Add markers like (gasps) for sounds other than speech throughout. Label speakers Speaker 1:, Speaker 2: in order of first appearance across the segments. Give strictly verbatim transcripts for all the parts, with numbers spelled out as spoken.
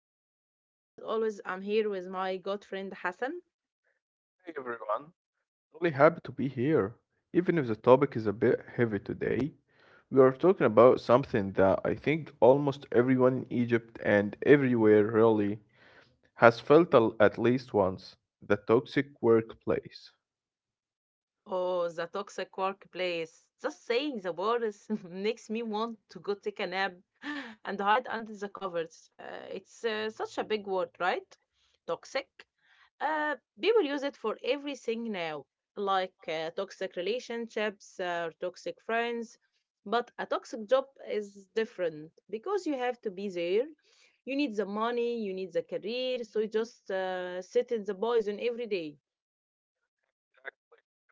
Speaker 1: Habiba, and as always, I'm here with my good friend Hassan.
Speaker 2: Hey everyone, really happy to be here. Even if the topic is a bit heavy today, we are talking about something that I think almost everyone in Egypt and everywhere really has felt al- at least once, the toxic workplace.
Speaker 1: Oh, the toxic workplace. Just saying the words (laughs) makes me want to go take a nap (gasps) and hide under the covers. Uh, it's uh, such a big word, right? Toxic. Uh, People use it for everything now, like uh, toxic relationships uh, or toxic friends. But a toxic job is different because you have to be there. You need the money, you need the career, so you just uh, sit in the poison every day.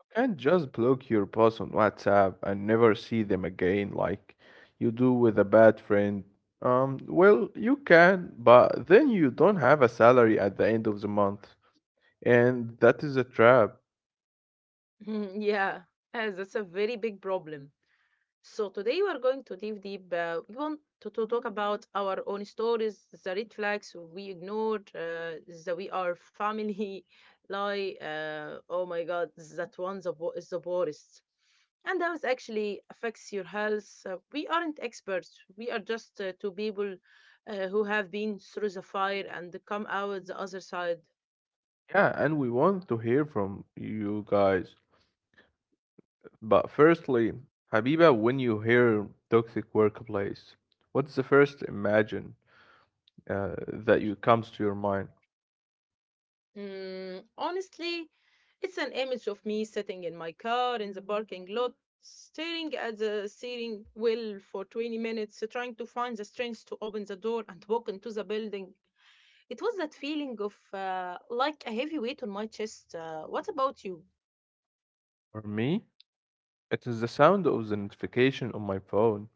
Speaker 2: You can't just block your boss on WhatsApp and never see them again like you do with a bad friend. Um, well, you can, but then you don't have a salary at the end of the month. And that is a trap.
Speaker 1: (laughs) Yeah, uh, that's a very big problem. So today we are going to dive deep. Uh, we want to, to talk about our own stories, the red flags we ignored, uh, the we are family (laughs) lie. Uh, oh my God, that one the wo- is the worst. And that was actually affects your health. Uh, we aren't experts. We are just uh, two people uh, who have been through the fire and come out the other side.
Speaker 2: Yeah, and we want to hear from you guys. But firstly, Habiba, when you hear toxic workplace, what's the first imagine uh, that you comes to your mind?
Speaker 1: Mm, honestly, it's an image of me sitting in my car in the parking lot, staring at the steering wheel for twenty minutes, trying to find the strength to open the door and walk into the building. It was that feeling of uh, like a heavy weight on my chest. Uh, what about you?
Speaker 2: For me, it is the sound of the notification on my phone,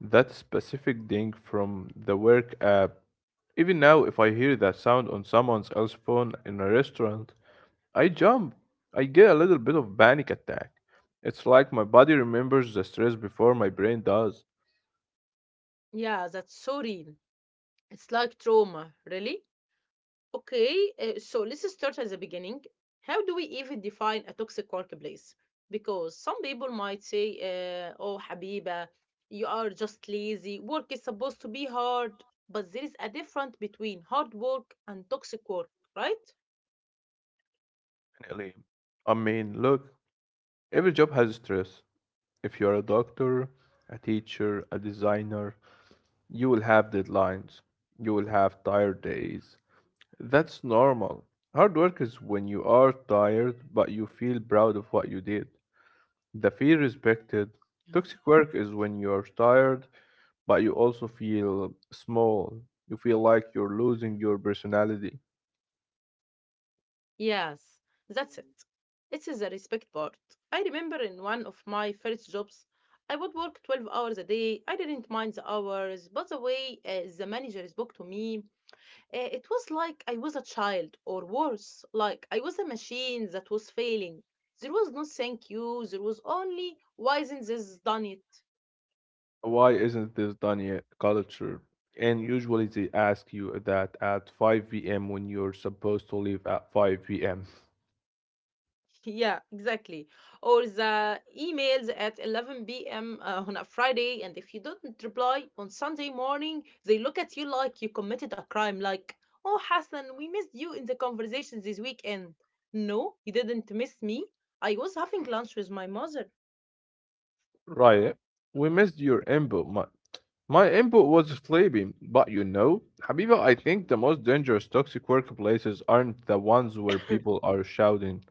Speaker 2: that specific ding from the work app. Even now, if I hear that sound on someone else's phone in a restaurant, I jump. I get a little bit of panic attack. It's like my body remembers the stress before my brain does.
Speaker 1: Yeah, that's so real. It's like trauma, really. Okay, uh, so let's start at the beginning. How do we even define a toxic workplace? Because some people might say, uh, oh, Habiba, you are just lazy. Work is supposed to be hard. But there is a difference between hard work and toxic work, right?
Speaker 2: Definitely. I mean, look, every job has stress. If you're a doctor, a teacher, a designer, you will have deadlines. You will have tired days. That's normal. Hard work is when you are tired but you feel proud of what you did. The feel respected.
Speaker 1: Mm.
Speaker 2: Toxic work is when you're tired but you also feel small. You feel like you're losing your personality.
Speaker 1: Yes, that's it. It is the respect part. I remember in one of my first jobs, I would work twelve hours a day. I didn't mind the hours, but the way uh, the manager spoke to me, uh, it was like I was a child, or worse, like I was a machine that was failing. There was no thank you, there was only why isn't this done it.
Speaker 2: Why isn't this done yet? Culture. And usually they ask you that at five p m when you're supposed to leave at five p m.
Speaker 1: Yeah, exactly. Or the emails at eleven p m. Uh, on a Friday, and if you don't reply on Sunday morning, they look at you like you committed a crime. Like, oh, Hassan, we missed you in the conversation this weekend. No, you didn't miss me. I was having lunch with my mother.
Speaker 2: Right? We missed your input. My, my input was sleeping, but you know, Habiba, I think the most dangerous toxic workplaces aren't the ones where
Speaker 1: (clears throat)
Speaker 2: people are shouting.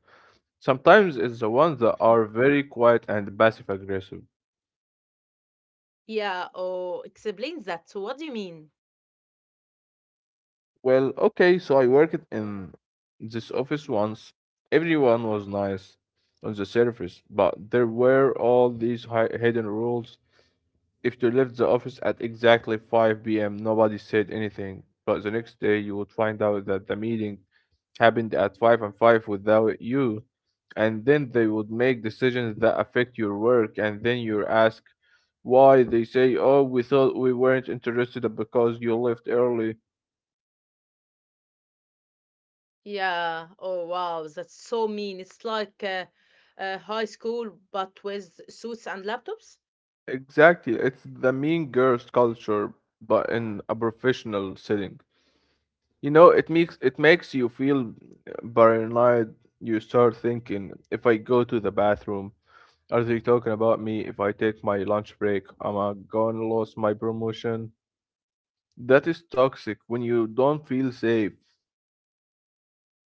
Speaker 2: Sometimes it's the ones that are very quiet and passive aggressive.
Speaker 1: Yeah, oh, explain that. So what do you mean?
Speaker 2: Well, okay, so I worked in this office once. Everyone was nice on the surface, but there were all these hi- hidden rules. If you left the office at exactly five p m, nobody said anything, but the next day you would find out that the meeting happened at five and five without you, and then they would make decisions that affect your work, and then you're asked why they say, "Oh, we thought we weren't interested because you left early."
Speaker 1: Yeah, oh, wow, that's so mean. It's like uh, uh, high school, but with suits and laptops.
Speaker 2: Exactly. It's the mean girls culture, but in a professional setting. You know, it makes it makes you feel uh, paranoid. You start thinking, if I go to the bathroom, are they talking about me? If I take my lunch break, am I gonna lose my promotion? That is toxic when you don't feel safe.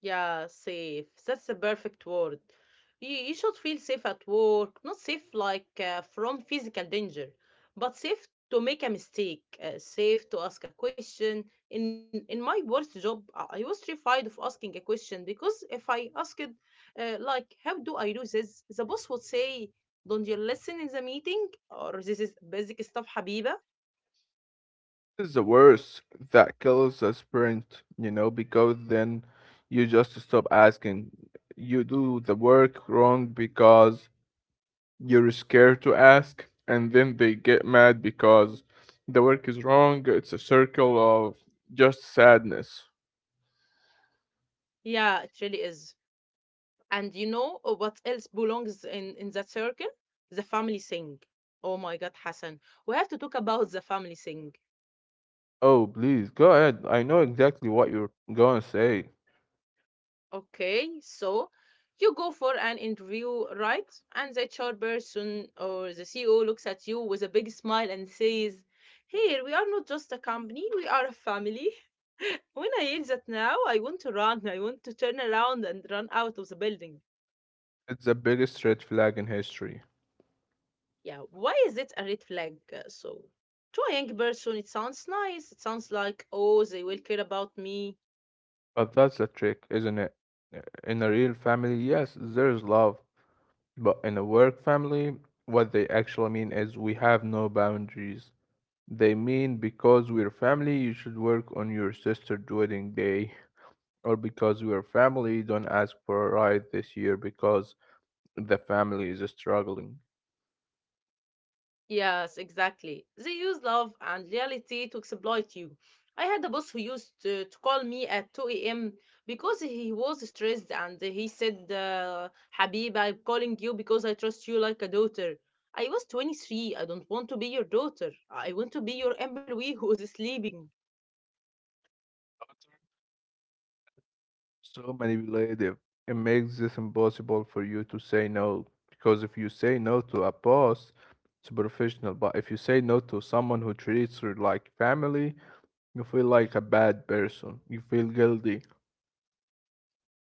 Speaker 1: Yeah, safe. That's the perfect word. You, you should feel safe at work, not safe like uh, from physical danger, but safe to make a mistake, uh, safe to ask a question. In in my worst job, I I was terrified of asking a question because if I asked, uh, like, how do I do this, the boss would say, don't you listen in the meeting? Or this is basic stuff, Habiba.
Speaker 2: This is the worst. That kills a sprint, you know, because then you just stop asking. You do the work wrong because you're scared to ask, and then they get mad because the work is wrong. It's a circle of just sadness.
Speaker 1: Yeah, it really is. And you know uh, what else belongs in, in that circle? The family thing. Oh my God, Hassan. We have to talk about the family thing.
Speaker 2: Oh, please, go ahead. I know exactly what you're gonna say.
Speaker 1: Okay, so you go for an interview, right? And the H R person or the C E O looks at you with a big smile and says, here, we are not just a company, we are a family. (laughs) When I hear that now, I want to run. I want to turn around and run out of the building.
Speaker 2: It's the biggest red flag in history.
Speaker 1: Yeah, why is it a red flag? uh, So, to a young person, it sounds nice. It sounds like, oh, they will care about me.
Speaker 2: But that's the trick, isn't it? Uh, In a real family, yes, there's love. But in a work family, what they actually mean is we have no boundaries. They mean because we're family, you should work on your sister's wedding day. Or because your family don't ask for a ride this year because the family is struggling.
Speaker 1: Yes, exactly. They use love and loyalty to exploit you. I had a boss who used to, to call me at two a m because he was stressed and he said, uh, Habib, I'm calling you because I trust you like a daughter. I was twenty-three. I don't want to be your daughter. I want to be your employee who is sleeping.
Speaker 2: So manipulative. It makes this impossible for you to say no because if you say no to a boss, it's professional. But if you say no to someone who treats you like family, you feel like a bad person. You feel guilty.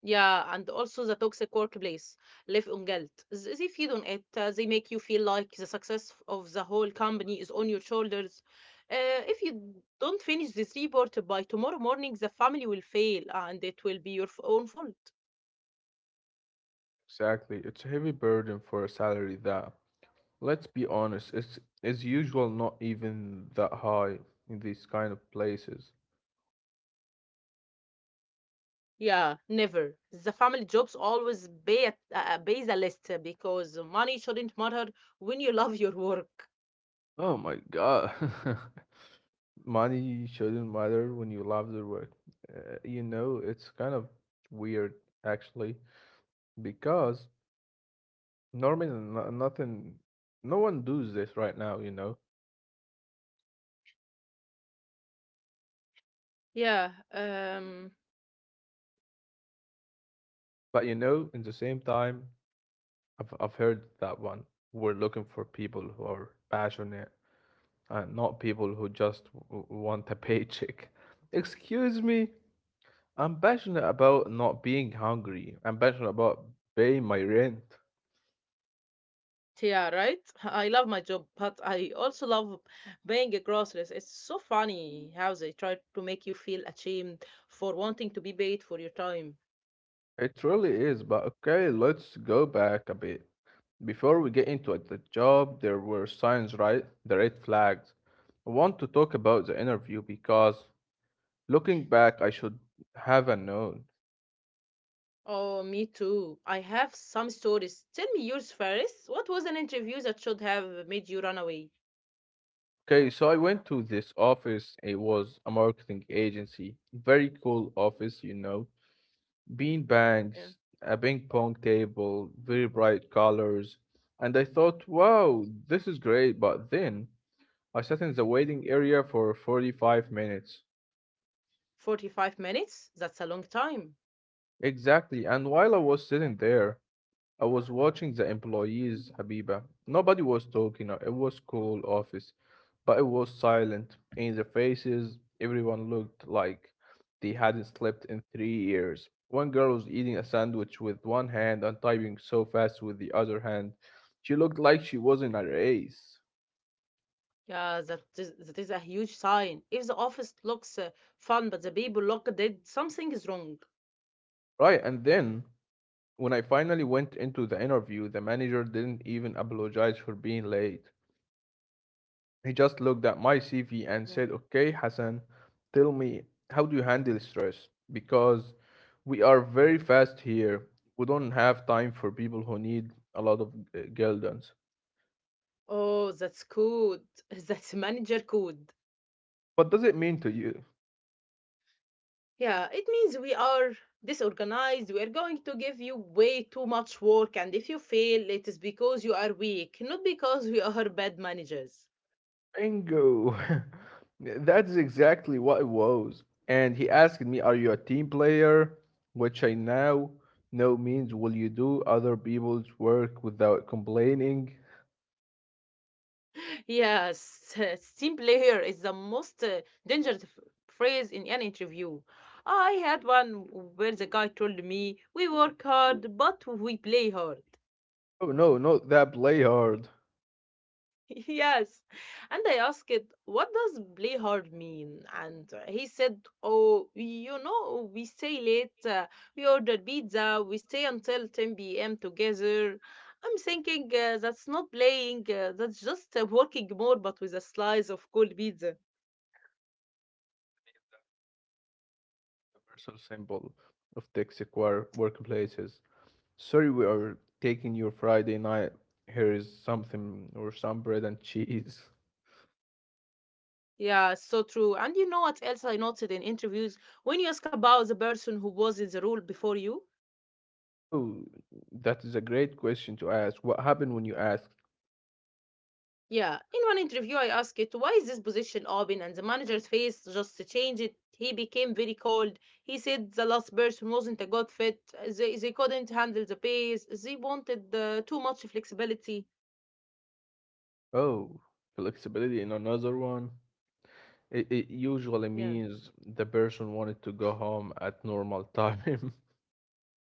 Speaker 1: Yeah, and also the toxic workplace live on guilt. Th- They feed on it. Uh, they make you feel like the success of the whole company is on your shoulders. Uh, if you don't finish this report by tomorrow morning, the family will fail and it will be your f- own fault.
Speaker 2: Exactly. It's a heavy burden for a salary that, let's be honest, it's is usual not even that high in these kind of places.
Speaker 1: Yeah, never. The family jobs always pay, a, uh, pay the list uh, because money shouldn't matter when you (laughs) love your work.
Speaker 2: Oh my God. (laughs) Money shouldn't matter when you love the work. Uh, you know, it's kind of weird actually because normally no- nothing, no one does this right now, you know.
Speaker 1: Yeah, um,
Speaker 2: But you know, in the same time, I've I've heard that one. We're looking for people who are passionate and not people who just w- w- want a paycheck. (laughs) Excuse me, I'm passionate about not being hungry. I'm passionate about paying my rent.
Speaker 1: yeah, right? (laughs) I love my job, but I also love buying groceries. It's so funny how they try to make you feel ashamed for wanting to be paid for your time.
Speaker 2: It really is, but okay, let's go back a bit. Before we get into it, the job, there were signs, right? The red flags. I want to talk about the interview because looking back, I should have a known.
Speaker 1: Oh, me too. I have some stories. Tell me yours first. What was an interview that should have made you run away?
Speaker 2: Okay, so I went to this office. It was a marketing agency. Very cool office, you know. Bean
Speaker 1: Yeah.
Speaker 2: bags, a ping pong table, very bright colors. And I thought, wow, this is great. But then I sat in the waiting area for forty-five minutes.
Speaker 1: forty-five minutes? That's a long time.
Speaker 2: Exactly, and while I was sitting there, I was watching the employees, Habiba. Nobody was talking, uh, it was cool office, but it was silent. In their faces, everyone looked like they hadn't slept in three years. One girl was eating a sandwich with one hand and typing so fast with the other hand. She looked like she was in a race.
Speaker 1: Yeah, that is, that is a huge sign. If the office looks uh, fun but the people look dead, something is wrong.
Speaker 2: Right, and then when I finally went into the interview, the manager didn't even apologize for being late. He just looked at my C V and
Speaker 1: Yeah.
Speaker 2: said, "Okay, Hassan, tell me, how do you handle stress? Because we are very fast here. We don't have time for people who need a lot of uh, guidance."
Speaker 1: Oh, that's good. (laughs) That's manager code.
Speaker 2: What does it mean to you?
Speaker 1: Yeah, it means we are disorganized. We are going to give you way too much work, and if you fail, it is because you are weak, not because we (laughs) are bad managers.
Speaker 2: Bingo. (laughs) That's exactly what it was. And he asked me, "Are you a team player?" Which I now know means, "Will you do other people's work without complaining?"
Speaker 1: Yes, (laughs) team player is the most uh, dangerous f- phrase in an interview. I had one where the guy told me, we work hard, but we play hard.
Speaker 2: Oh, no, not that play hard.
Speaker 1: Yes. And I asked, what does play hard mean? And uh, he said, oh, you know, we stay late, uh, we order pizza, we stay until ten p m together. I'm thinking uh, that's not playing, uh, that's just uh, working more, but with a slice of cold pizza.
Speaker 2: Universal symbol of toxic wor- workplaces. Sorry, we are taking your Friday night. Here is something or some bread and cheese.
Speaker 1: Yeah, so true. And you know what else I noted in interviews? When you ask about the person who was in the role before you,
Speaker 2: Oh, that is a great question to ask. What happened when you asked?
Speaker 1: yeah, in one interview, I asked it, why is this position open? And the manager's face just changed. He became very cold. He said the last person wasn't a good fit. They, they couldn't handle the pace. They wanted uh, too much flexibility.
Speaker 2: Oh, flexibility in another one. It, it usually
Speaker 1: Yeah.
Speaker 2: means the person wanted to go home at normal time. (laughs)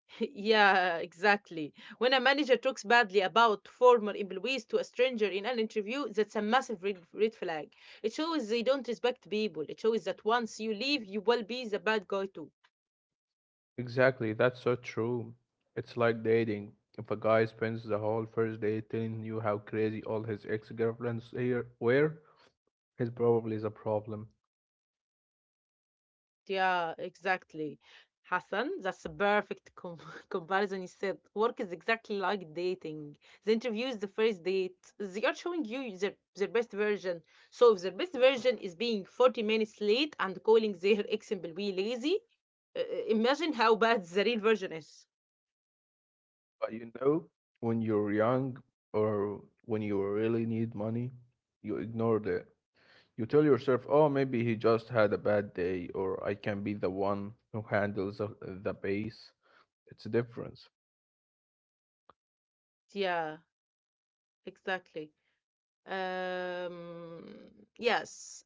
Speaker 1: (laughs) Yeah, exactly. When a manager talks badly about former employees to a stranger in an interview, that's a massive red, red flag. It shows they don't respect people. It shows that once you leave, you will be the bad guy too.
Speaker 2: Exactly, that's so true. It's like dating. If a guy spends the whole first day telling you how crazy all his ex-girlfriends here were, it's probably is a problem.
Speaker 1: Yeah, exactly. Hassan, that's a perfect com- (laughs) comparison. He said work is exactly like dating. The interview is the first date. They are showing you their, their best version. So if their best version is being forty minutes late and calling their (laughs) ex employee lazy, uh, uh, imagine how bad the real version is.
Speaker 2: But you know, when you're young or when you really need money, you ignore it. You tell yourself, oh, maybe he just had a bad day, or I can be the one who handles the the base. It's a difference.
Speaker 1: Yeah, exactly. Um, yes,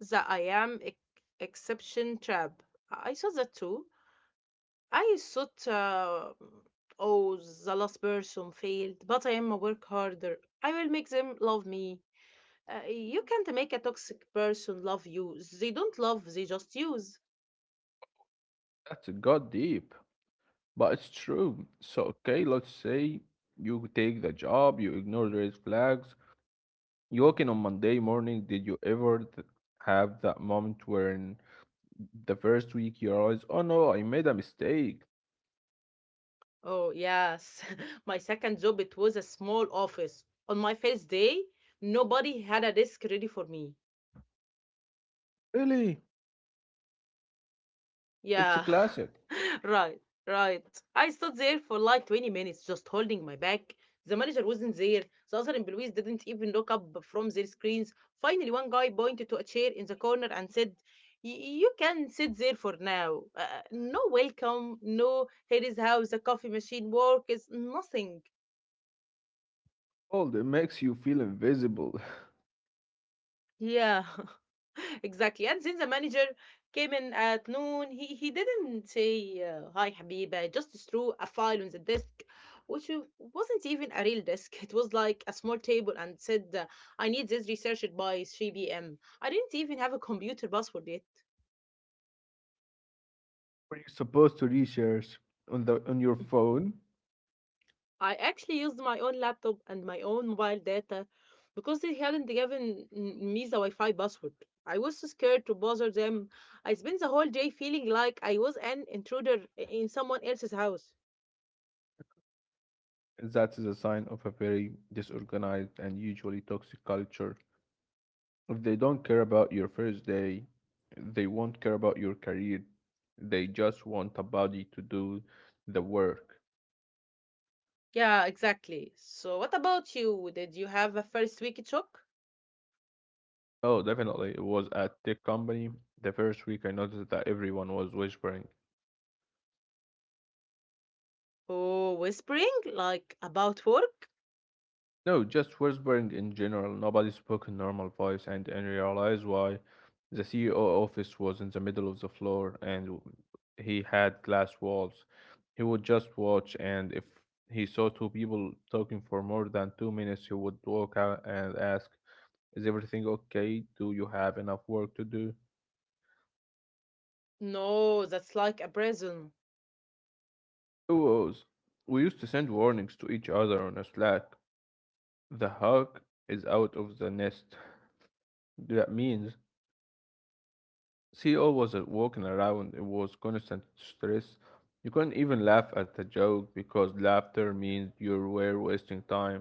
Speaker 1: the I am ex- exception trap. I saw that too. I thought uh, oh the last person failed, but I am a work harder. I will make them love me. Uh, you can't make a toxic person love you. They don't love, they just use.
Speaker 2: That's got deep, but it's true. So, okay, let's say you take the job, you ignore red flags. You walk in on Monday morning. Did you ever th- have that moment when the first week you realize, oh no, I made a mistake?
Speaker 1: Oh yes. (laughs) My second job it was a small office. On my first day, nobody had a desk ready for me.
Speaker 2: Really? It's a
Speaker 1: Yeah,
Speaker 2: classic.
Speaker 1: (laughs) right, right. I stood there for like twenty minutes just holding my back. The manager wasn't there. The other employees didn't even look up from their screens. Finally, one guy pointed to a chair in the corner and said, "Y- You can sit there for now. Uh, no welcome, no, here is how the coffee machine works, nothing.
Speaker 2: Cold, it makes you feel invisible.
Speaker 1: Yeah. (laughs) Exactly. And then the manager came in at noon. He he didn't say uh, hi, Habiba. Just threw a file on the desk, which w- wasn't even a real desk. (laughs) It was like a small table, and said, uh, "I need this researched by three p m" I didn't even have a computer password yet.
Speaker 2: Were you supposed to research on the on your phone?
Speaker 1: I actually used my own laptop and my own mobile data because they hadn't given m- me the Wi-Fi password. I was so scared to bother them. I spent the whole day feeling like I was an intruder in someone else's house.
Speaker 2: That is a sign of a very disorganized and usually toxic culture. If they don't care about your first day, they won't care about your career. They just want a body to do the work.
Speaker 1: Yeah, exactly. So, what about you? Did you have a first week shock?
Speaker 2: Oh, definitely. It was at tech company. The first week I noticed that everyone was whispering.
Speaker 1: Oh, whispering? Like about work?
Speaker 2: No, just whispering in general. Nobody spoke in normal voice, and and realized why. The C E O office was in the middle of the floor, and w- he had glass walls. He would just watch, and if he saw two people talking for more than two minutes, he would walk out and ask, "Is everything okay? Do you have enough work to do?"
Speaker 1: No, that's like a prison.
Speaker 2: It was. We used to send warnings to each other on a Slack. The hawk is out of the nest. That means C E O wasn't walking around, it was constant stress. You couldn't even laugh at a joke because laughter means you were wasting time.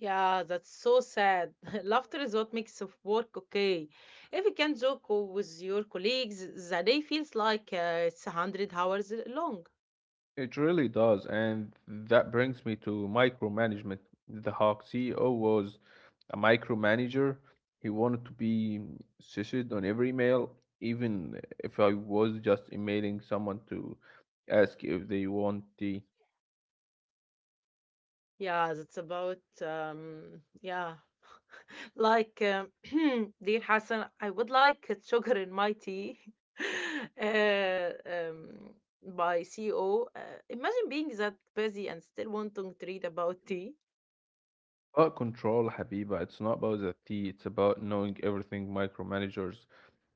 Speaker 1: Yeah, that's so sad. (laughs) Laughter is what makes of work okay. If you can joke with your colleagues, the day feels like uh, it's a hundred hours long.
Speaker 2: It really does, and that brings me to micromanagement. The Hawk C E O was a micromanager. He wanted to be censored on every mail, even if I was just emailing someone to ask if they want tea.
Speaker 1: Yeah, that's about um yeah. Like, um, (clears throat) "Dear Hassan, I would like uh, sugar in my tea." (laughs) uh, um, by C E O. Uh, imagine being that busy and still wanting to read about tea.
Speaker 2: But control, Habiba, it's not about the tea, it's about knowing everything micromanagers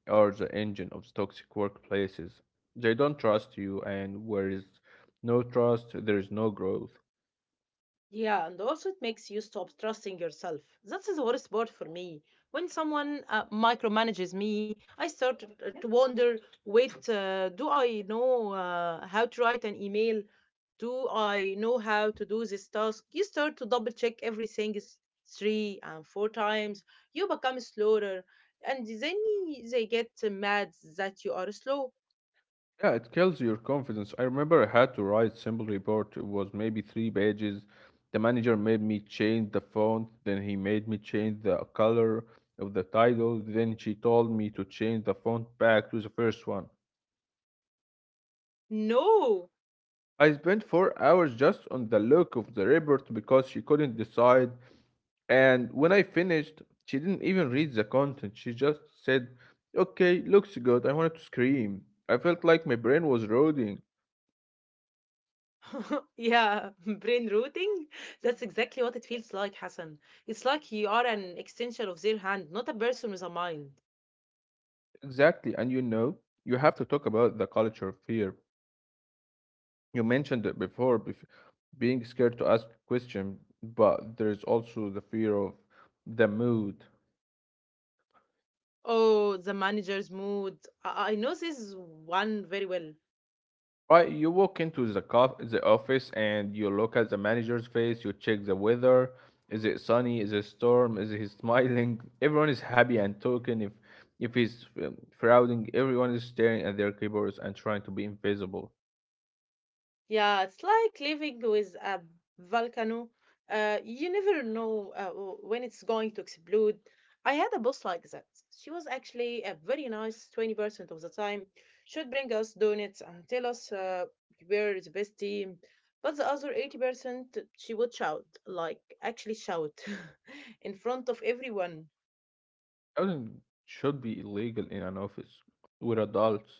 Speaker 2: are the engine of the toxic workplaces. They don't trust you, and where is no trust, there is no growth.
Speaker 1: Yeah, and also it makes you stop trusting yourself. That's the worst part for me. When someone uh, micromanages me, I start uh, to wonder wait, uh, do I know uh, how to write an email? Do I know how to do this task? You start to double check everything is three and four times. You become slower, and then they get mad that you are slow.
Speaker 2: Yeah, it kills your confidence. I remember I had to write simple report. It was maybe three pages. The manager made me change the font, then he made me change the color of the title, then she told me to change the font back to the first one.
Speaker 1: No,
Speaker 2: I spent four hours just on the look of the report because she couldn't decide. And when I finished, she didn't even read the content. She just said, "Okay, looks good." I wanted to scream. I felt like my brain was rotting.
Speaker 1: (laughs) yeah, (laughs) brain rooting. That's exactly what it feels like, Hassan. It's like you are an extension of their hand, not a person with a mind.
Speaker 2: Exactly. And you know, you have to talk about the culture of fear. You mentioned it before, bef- being scared to ask question, but there is also the fear of the mood.
Speaker 1: Oh, the manager's mood. I, I know this one very well.
Speaker 2: Right, you walk into the cof- the office and you look at the manager's face, you check the weather. Is it sunny? Is it storm? Is he (laughs) smiling? Everyone is happy and talking. If if he's um, frowning, everyone is staring at their keyboards and trying to be invisible.
Speaker 1: Yeah, it's like living with a volcano. Uh, you never know uh, w- when it's going to explode. I had a boss like that. She was actually a very nice twenty percent of the time. She'd bring us donuts and tell us uh, we're the best team. But the other eighty percent, she would shout, like actually shout (laughs) in front of everyone.
Speaker 2: Frowning should be illegal in an office with adults.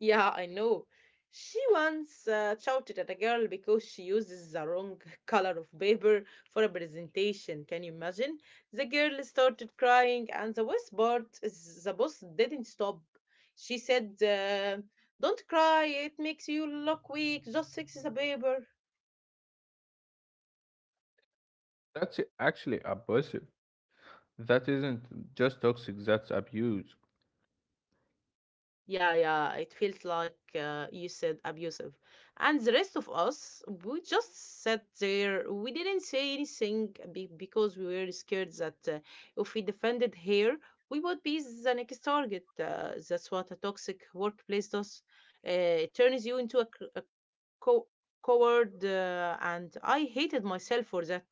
Speaker 1: Yeah, I know. She once uh, shouted at a girl because she uses the wrong (laughs) color of paper for a presentation. Can you imagine? The girl started crying, and the worst part is the boss didn't stop. She said, uh, don't cry, it makes you look weak, just fix the paper.
Speaker 2: That's actually abusive. That isn't just toxic, that's abuse.
Speaker 1: Yeah, yeah, it feels like uh, you said abusive. And the rest of us, we just sat there. We didn't say anything be- because we were scared that uh, if we defended her, we would be the next target. Uh, that's what a toxic workplace does. Uh, it turns you into a, c- a co- coward, uh, and I hated myself for that.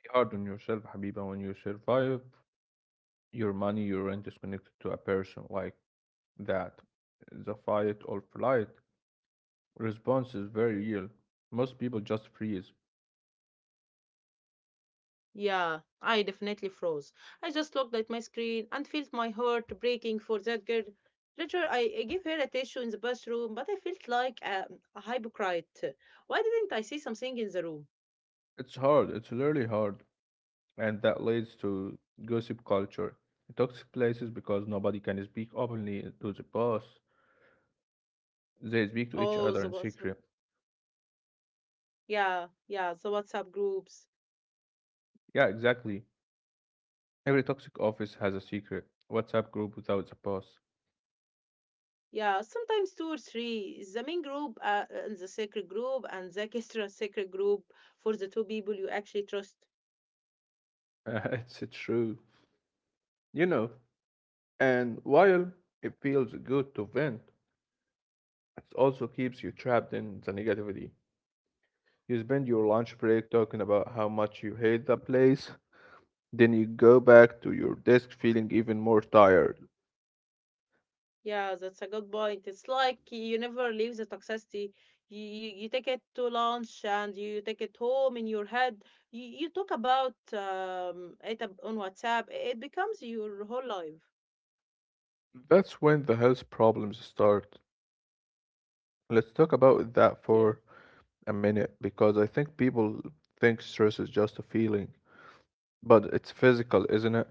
Speaker 2: Be hard on yourself, Habiba, when you survive your money, your rent is connected to a person. Like that the fight or flight response is very real. Most people just freeze.
Speaker 1: Yeah, I definitely froze. I just looked at my screen and felt my heart breaking for that girl. Later, I I gave her a tissue in the bathroom, but I felt like a, a hypocrite. Why didn't I see something in the room?
Speaker 2: It's hard, it's really hard. And that leads to gossip culture. Toxic places because nobody can speak openly to the boss. They speak to each
Speaker 1: Oh,
Speaker 2: other
Speaker 1: the
Speaker 2: in
Speaker 1: WhatsApp.
Speaker 2: secret.
Speaker 1: Yeah, yeah, the WhatsApp groups.
Speaker 2: Yeah, exactly. Every toxic office has a secret WhatsApp group without the boss.
Speaker 1: Yeah, sometimes two or three. The main group uh, and the secret group and the extra secret group for the two people you actually trust.
Speaker 2: (laughs) It's true. You know, and while it feels good to vent, it also keeps you trapped in the negativity. You spend your lunch break talking about how much you hate the place, then you go back to your desk feeling even more tired.
Speaker 1: Yeah, that's a good point. It's like you never leave the toxicity. You, you, you take it to lunch and you take it home in your head. You, you talk about um, it ab- on WhatsApp. It becomes your whole life.
Speaker 2: That's when the health problems start. Let's talk about that
Speaker 1: Yeah.
Speaker 2: for a minute because I think people think stress is just a feeling, but it's physical, isn't it?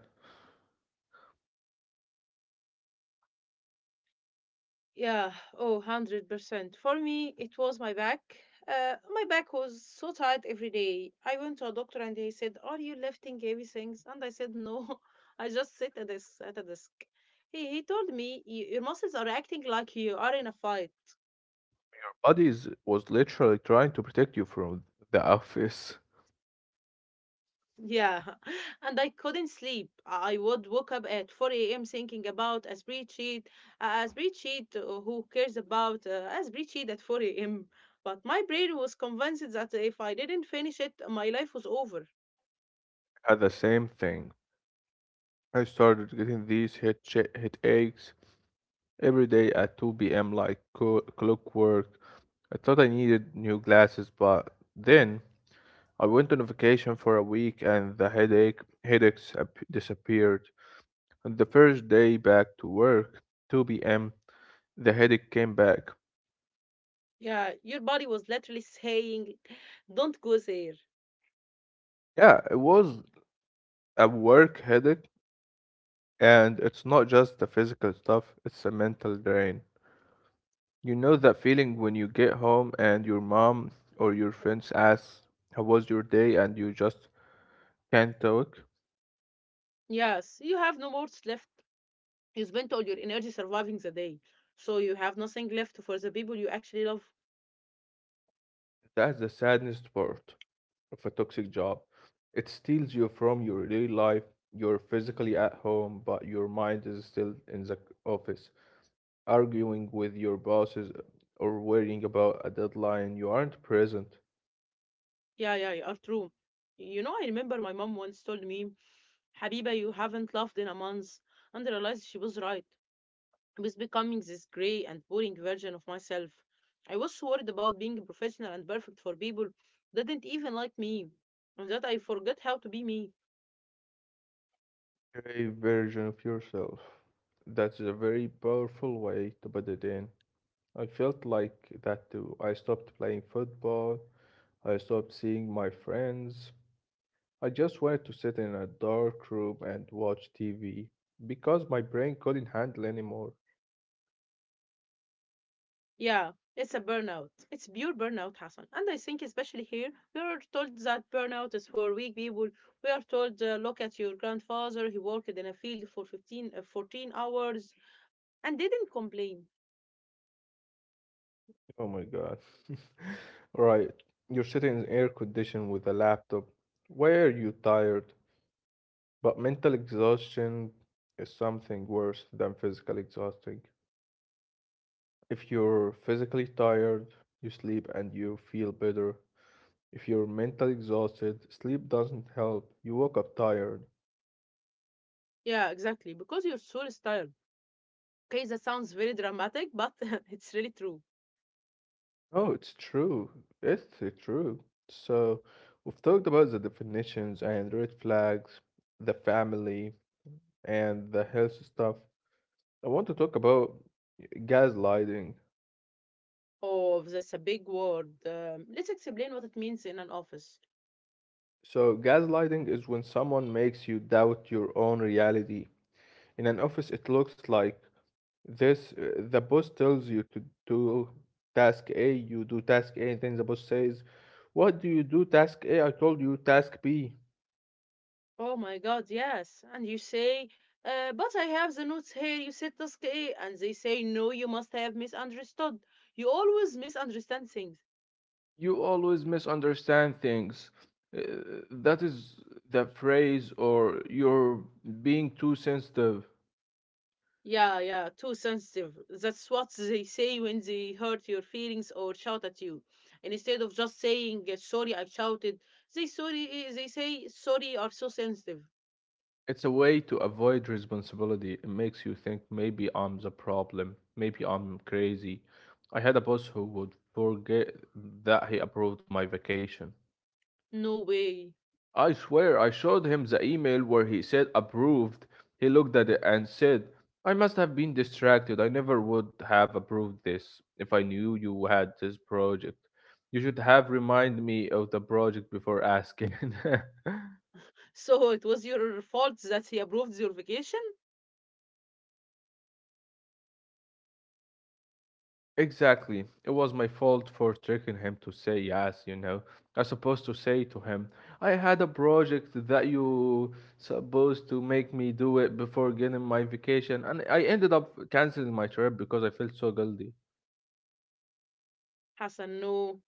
Speaker 1: Yeah. Oh, one hundred percent. For me, it was my back. Uh, my back was so tight every day. I went to a doctor and he said, are you lifting heavy things? And I said, no, (laughs) I just sit at this at a desk. He, he told me, "Y- Your muscles are acting like you are in a fight."
Speaker 2: Your body is, was literally trying to protect you from the office.
Speaker 1: Yeah, (laughs) and I couldn't sleep. I would wake up at four a m thinking about a spreadsheet, a spreadsheet uh, who cares about uh, a spreadsheet at four a m? But my brain was convinced that if I didn't finish it, my life was over.
Speaker 2: I had the same thing. I started getting these head cha- headaches every day at two p m, like co- clockwork. I thought I needed new glasses, but then I went on vacation for a week and the headache headaches ap- disappeared. On the first day back to work, two p m, the headache came back.
Speaker 1: Yeah, your body was literally saying, don't go there.
Speaker 2: Yeah, it was a work headache, and it's not just the physical stuff, it's a mental drain. You know that feeling when you get home and your mom or your friends asks, how was your day? And you just can't talk?
Speaker 1: Yes, you have no more left. You spent all your energy surviving the day, so you have nothing left for the people you actually love.
Speaker 2: That's the saddest part of a toxic job. It steals you from your daily life. You're physically at home, but your mind is still in the office, arguing with your bosses or worrying about a deadline. You aren't present.
Speaker 1: Yeah, yeah, you are true. You know, I remember my mom once told me, Habiba, you haven't laughed in a month. And I realized she was right. I was becoming this grey and boring version of myself. I was worried about being professional and perfect for people that didn't even like me, and that I forgot how to be me.
Speaker 2: You're a version of yourself. That's a very powerful way to put it in. I felt like that too. I stopped playing football. I stopped seeing my friends. I just wanted to sit in a dark room and watch T V because my brain couldn't handle anymore.
Speaker 1: Yeah, it's a burnout. It's pure burnout, Hassan. And I think, especially here, we are told that burnout is for weak people. We are told, uh, look at your grandfather, he worked in a field for fifteen, uh, fourteen hours and didn't complain.
Speaker 2: Oh my god. (laughs) Right, you're sitting in air condition with a laptop. Why are you tired? But mental exhaustion is something worse than physical exhausting. If you're physically tired, you sleep and you feel better. If you're mentally exhausted, sleep doesn't help. You woke up tired.
Speaker 1: Yeah, exactly, because your soul is tired. Okay, that sounds very dramatic, but (laughs) it's really true.
Speaker 2: Oh, it's true. It's uh, true. So, we've talked about the definitions and red flags, the family, and the health stuff. I want to talk about gaslighting.
Speaker 1: Oh, that's a big word. Um, let's explain what it means in an office.
Speaker 2: So, gaslighting is when someone makes you doubt your own reality. In an office, it looks like this, uh, the boss tells you to do task A, you do task A, and then the boss says, what do you do, task A? I told you task B.
Speaker 1: Oh my God, yes. And you say, uh, but I have the notes here. You said task A, and they say, no, you must have misunderstood. You always misunderstand things.
Speaker 2: You always misunderstand things. Uh, that is the phrase, or you're being too sensitive.
Speaker 1: Yeah, yeah, too sensitive. That's what they say when they hurt your feelings or shout at you. And instead of just saying, uh, sorry, I shouted, they sorry, eh, they say, sorry, you are so sensitive.
Speaker 2: It's a way to avoid responsibility. It makes you think maybe I'm the problem. Maybe I'm crazy. I had a boss who would forget that he approved my vacation.
Speaker 1: No way.
Speaker 2: I swear I showed him the email where he said approved. He looked at it and said, I must have been distracted. I never would have approved this if I knew you had this project. You should have reminded me of the project before asking. (laughs)
Speaker 1: So it was your fault that he approved your vacation?
Speaker 2: Exactly. It was my fault for tricking him to say yes, you know. I supposed to say to him, I had a project that you supposed to make me do it before getting my vacation, and I ended up canceling my trip because I felt so guilty.
Speaker 1: Hassan, no.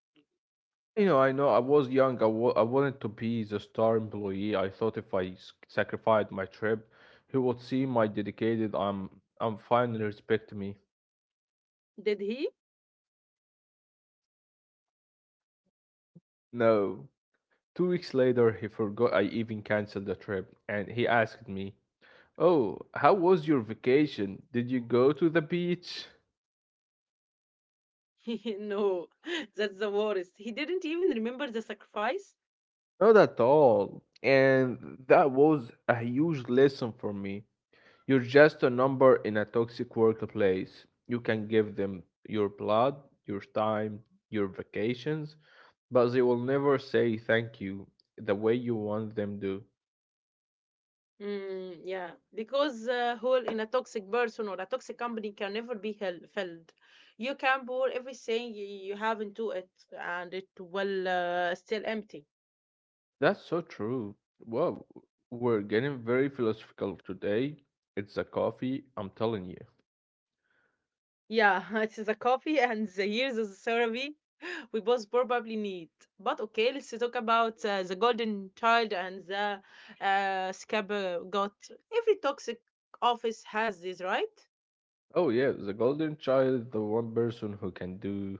Speaker 2: You know, I know I was young. I wa- I wanted to be the star employee. I thought if I s- sacrificed my trip, he would see my dedicated. I'm I'm fine. And respect me.
Speaker 1: Did he?
Speaker 2: No. Two weeks later, he forgot I even canceled the trip, and he asked me, oh, how was your vacation? Did you go to the beach?
Speaker 1: (laughs) No. (laughs) That's the worst. He didn't even remember the sacrifice.
Speaker 2: Not at all. And that was a huge lesson for me. You're just a number in a toxic workplace. You can give them your blood, your time, your vacations, but they will never say thank you the way you want them to.
Speaker 1: Mm, yeah. Because a hole in a toxic person or a toxic company can never be hel- filled. You can pour everything y- you have into it and it will uh, still empty.
Speaker 2: That's so true. Wow, we're getting very philosophical today. It's a coffee, I'm telling you.
Speaker 1: Yeah, (laughs) it's the coffee and the years of therapy we both probably need. But okay, let's talk about uh, the golden child and the uh, scaber got. Every toxic office has this, right?
Speaker 2: Oh, yeah, the golden child, the one person who can do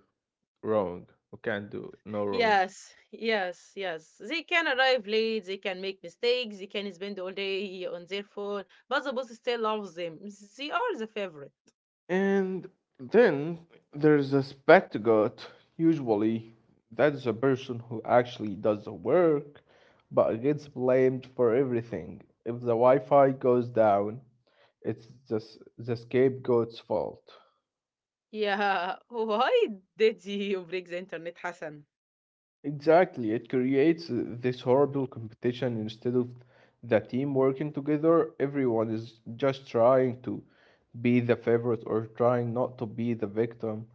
Speaker 2: wrong, who can do no wrong.
Speaker 1: Yes, yes, yes. They can arrive late, they can make mistakes, they can spend all day on their phone, but the boss still loves them. They are the favorite.
Speaker 2: And then there's a spectagot. Usually, that's the person who actually does the work but gets blamed for everything. If the Wi Fi goes down, it's just the scapegoat's fault.
Speaker 1: Yeah, (laughs) why did you break the internet, Hassan?
Speaker 2: Exactly, it creates uh, this horrible competition instead of the team working together. Everyone is just trying to be the favorite or trying not to be the victim.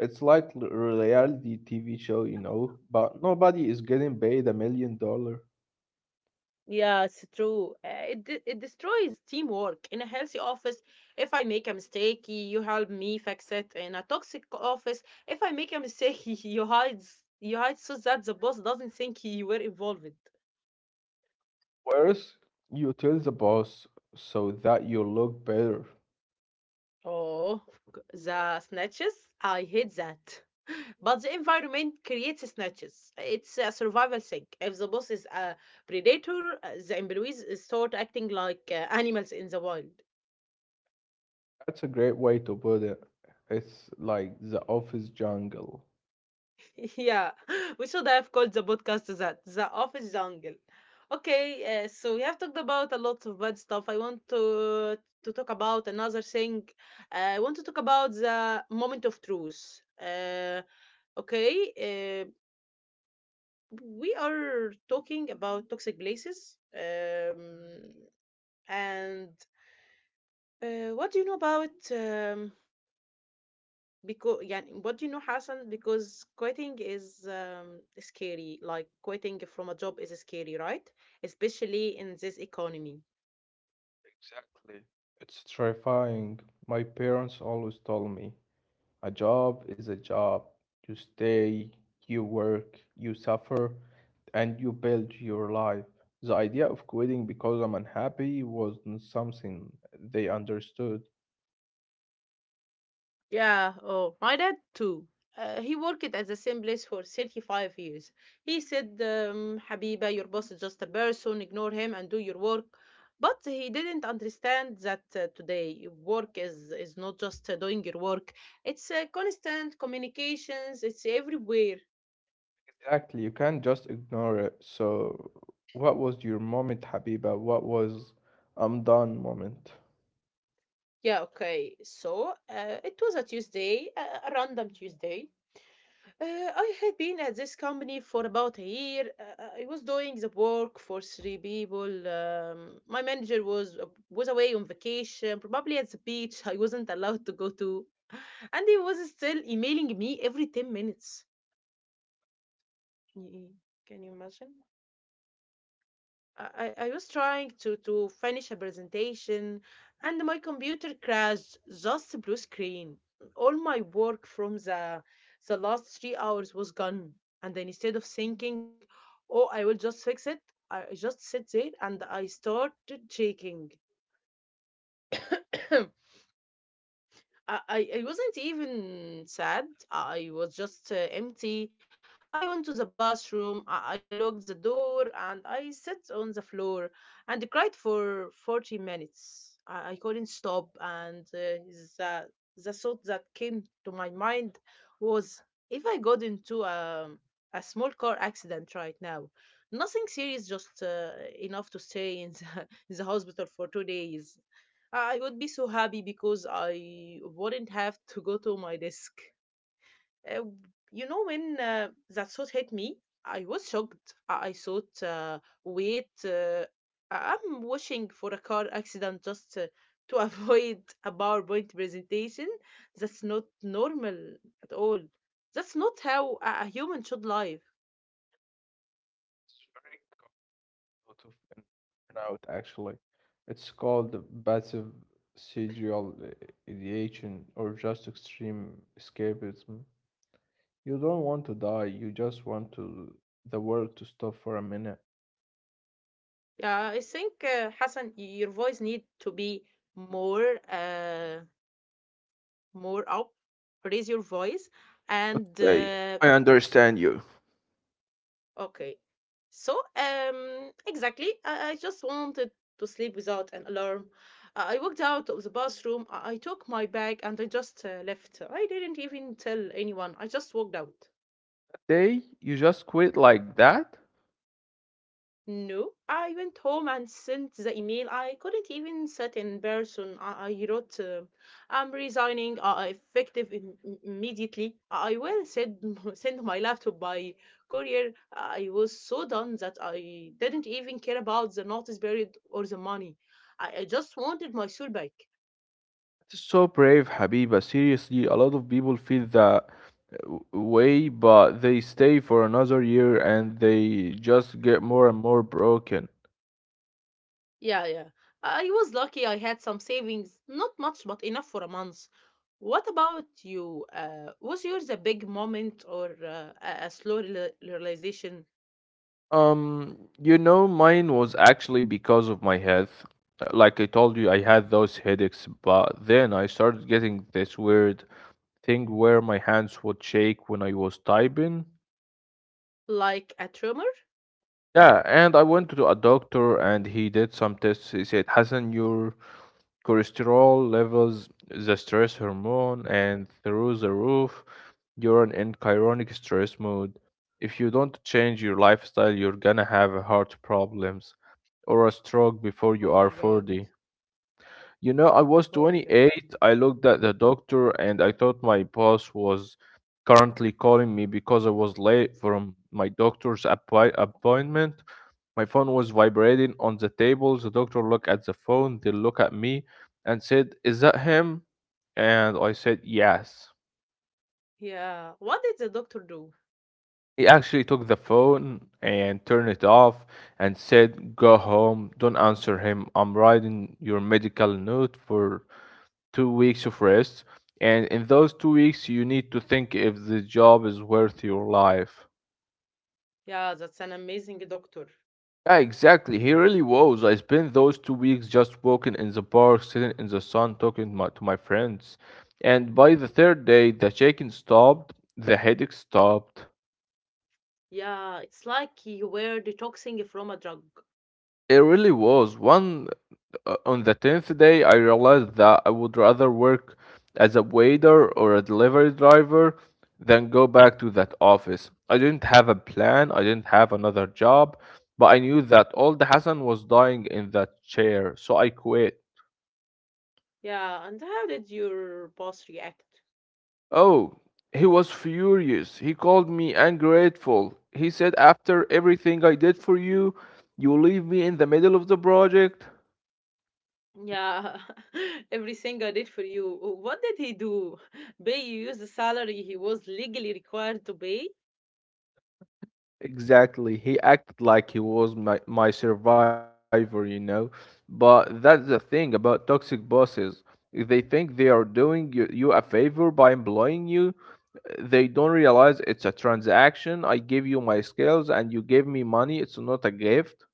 Speaker 2: It's like l- reality T V show, you know, but nobody is getting paid a million dollar.
Speaker 1: Yeah, it's true. Uh, It, de- it destroys teamwork. In a healthy office, if I make a mistake, you help me fix it. In a toxic office, if I make a mistake, (laughs) you hide, you hide so that the boss doesn't think you were involved.
Speaker 2: Whereas you tell the boss so that you look better.
Speaker 1: Oh, g- the snatches. I hate that. But the environment creates snatches. It's a survival thing. If the boss is a predator, uh, the employees start acting like uh, animals in the wild.
Speaker 2: That's a great way to put it. It's like the office jungle.
Speaker 1: Yeah, (laughs) we should have called the podcast that The Office Jungle. Okay, uh, so we have talked about a lot of bad stuff. I want to to talk about another thing. Uh, I want to talk about the moment of truth. Uh, okay, uh, we are talking about toxic places. Um, and uh, what do you know about um, because يعني what do you know, Hassan, because quitting is um, scary, like quitting from a job is scary, right, especially in this economy?
Speaker 2: Exactly. It's terrifying. My parents always told me a job is a job. You stay, you work, you suffer, and you build your life. The idea of quitting because I'm unhappy wasn't something they understood.
Speaker 1: Yeah, oh, my dad too. Uh, he worked at the same place for thirty-five years. He said, um, Habiba, your boss is just a person, ignore him and do your work. But he didn't understand that uh, today work is, is not just uh, doing your work, it's uh, constant communications, it's everywhere.
Speaker 2: Exactly. You can't just ignore it. So, what was your moment, Habiba? What was I'm done moment?
Speaker 1: Yeah, okay. So uh, it was a Tuesday, a a random Tuesday. Uh, I had been at this company for about a year. Uh, I was doing the work for three people. Um, my manager was uh, was away on vacation, probably at the beach. I wasn't allowed to go to, and he was still emailing me every ten minutes. Y- Can you imagine? I, I I was trying to, to finish a presentation and my computer crashed, just a blue screen. All my work from the, the last three hours was gone. And then instead of thinking, oh, I will just fix it, I just sit there and I started shaking. (coughs) I, I I wasn't even sad. I was just uh, empty. I went to the bathroom. I, I locked the door and I sat on the floor and cried for forty minutes. I, I couldn't stop. And uh, the, the thought that came to my mind was, if I got into a, a small car accident right now, nothing serious, just uh, enough to stay in the, (laughs) in the hospital for two days. I would be so happy because I wouldn't have to go to my desk. Uh, you know, when uh, that thought hit me, I was shocked. I, I thought, uh, wait, uh, I- I'm wishing for a car accident just uh, to avoid (laughs) a PowerPoint presentation. That's not normal at all. That's not how a, a human should live.
Speaker 2: Lot of in burnout actually. It's called the passive sexual ideation or just extreme escapism. You don't want to die, you just want to the world to stop for a minute.
Speaker 1: Yeah, I think, uh, Hassan, y- your voice need to be more. Uh, more up, raise your voice and
Speaker 2: Okay,
Speaker 1: uh,
Speaker 2: I understand you.
Speaker 1: okay, so um exactly, I, I just wanted to sleep without an alarm. I I walked out of the bathroom, i, I took my bag and I just uh, left. I didn't even tell anyone, I just walked out.
Speaker 2: Day, you just quit like that?
Speaker 1: No, I went home and sent the email. I couldn't even sit in person. I, I wrote, uh, I'm resigning, uh, effective im- im- immediately. I will send, (laughs) send my laptop by courier. I was so done that I didn't even care about the notice period or the money. I, I just wanted my soul back.
Speaker 2: It's so brave, Habiba. Seriously, a lot of people feel that w- way, but they stay for another year and they just get more and more broken.
Speaker 1: Yeah, yeah. I was lucky I had some savings, not much, but enough for a month. What about you? Uh, was yours a big moment or uh, a, a slow real- realization,
Speaker 2: Um, you know, mine was actually because of my health. Uh, Like I told you, I had those headaches, but then I started getting this weird thing where my hands would shake when I was typing.
Speaker 1: like a tremor?
Speaker 2: Yeah, and I went to a doctor and he did some tests. He said, Hassan, your cholesterol levels, the stress hormone, and through the roof, you're in chronic stress mode. If you don't change your lifestyle, you're gonna have heart problems or a stroke
Speaker 1: Oh
Speaker 2: before
Speaker 1: my
Speaker 2: you are
Speaker 1: god.
Speaker 2: forty. You know, I
Speaker 1: Oh my
Speaker 2: was
Speaker 1: god.
Speaker 2: twenty-eight. I
Speaker 1: Mm.
Speaker 2: looked at the doctor and I thought my boss was currently calling me because I was late from my doctor's appoi- appointment. My phone was vibrating on the table. The doctor looked at the phone, they looked at me and said, is that him? And I said, yes.
Speaker 1: Yeah. What did the doctor do?
Speaker 2: He actually took the phone and turned it off and said, go home. Don't answer him. I'm writing your medical note for two weeks of rest, and in those two weeks, you need to think if the job is worth your life.
Speaker 1: Yeah, that's an amazing doctor.
Speaker 2: Yeah, exactly. He really was. I spent those two weeks just walking in the park, sitting in the sun, talking my, to my friends. And by the third day, the shaking stopped, the headache stopped.
Speaker 1: Yeah, it's like you were detoxing from a drug.
Speaker 2: It really was. One uh, On the tenth day, I realized that I would rather work as a waiter or a delivery driver than go back to that office. I didn't have a plan, I didn't have another job, but I knew that old Hassan was dying in that chair, so I quit.
Speaker 1: Yeah, and how did your boss react?
Speaker 2: Oh, he was furious. He called me ungrateful. He said, after everything I did for you, you leave me in the middle of the project?
Speaker 1: Yeah, (laughs) every singer did for you. What did he do? (laughs) Pay you use the salary he was legally required to pay?
Speaker 2: Exactly. He acted like he was my, my survivor, you know. But that's the thing about toxic bosses. If they think they are doing you, you a favor by employing you, they don't realize it's a transaction. I give you my skills and you give me money. It's not a gift.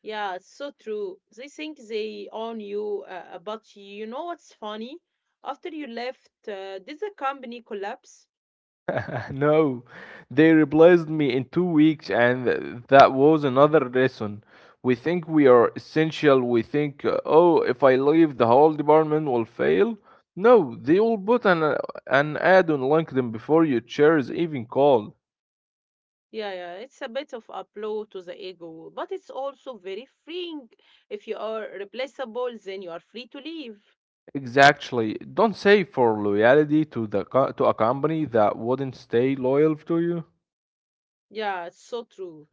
Speaker 1: Yeah, it's so true. They think they own you, uh, uh, but you know what's funny? After you left, uh, did the company collapse?
Speaker 2: (laughs) No, they replaced me in two weeks, and that was another lesson. We think we are essential. We think, uh, oh, if I leave, the whole department will fail. No, they will put an, uh, an ad on LinkedIn before your chair is even called.
Speaker 1: Yeah, yeah, it's a bit of a blow to the ego, but it's also very freeing. If you are replaceable, then you are free to leave.
Speaker 2: Exactly. Don't say for loyalty to the co- to a company that wouldn't stay loyal to you.
Speaker 1: Yeah, it's so true.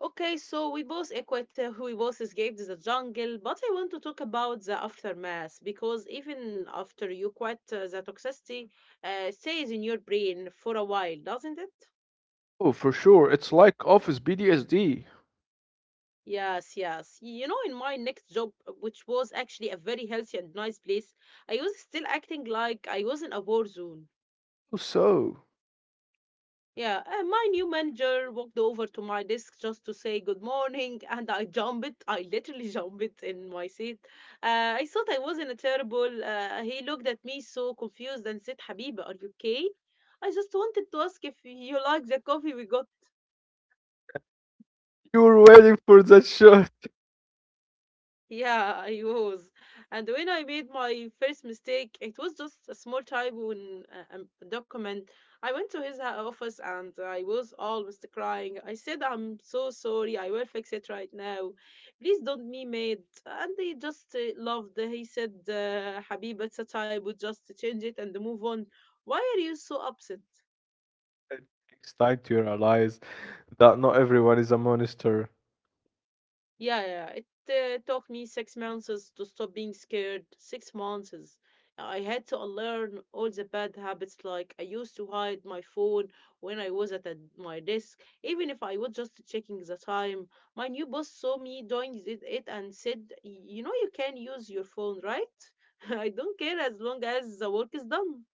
Speaker 1: Okay, so we both equate uh, we both escaped the jungle, but I want to talk about the aftermath because even after you quit, uh, the toxicity uh, stays in your brain for a while, doesn't it?
Speaker 2: Oh, for sure. It's like Office B D S D.
Speaker 1: Yes, yes. You know, in my next job, uh, which was actually a very healthy and nice place, I was still acting like I was in a war zone.
Speaker 2: So,
Speaker 1: Yeah, and my new manager walked over to my desk just to say good morning, (laughs) and I jumped. I literally (laughs) jumped in my seat. Uh, I thought I was not a terrible. Uh, he looked at me so confused and said, "Habiba, are you okay? I just wanted to ask if you like the coffee we got."
Speaker 2: you're waiting for that shot.
Speaker 1: Yeah, (laughs) I was. And when I made my first mistake, it was just a small typo in a, a document. I went to his ha- office and I was almost crying. I said, "I'm so sorry. I will fix it right now. Please don't be mad." And he just uh, loved. He said, uh, "Habib, it's a typo. Just change it and move on. Why are you so upset?"
Speaker 2: It's time to realize that not everyone is a monster.
Speaker 1: Yeah, yeah, yeah. It uh, took me six months is to stop being scared. Six months. is- I had to unlearn all the bad habits. Like I used to hide my phone when I was at a, my desk, even if I was just checking the time. My new boss saw me doing it, it and said, "Y- "You know, you can use your phone, right? (laughs) I don't care as long as the work is done."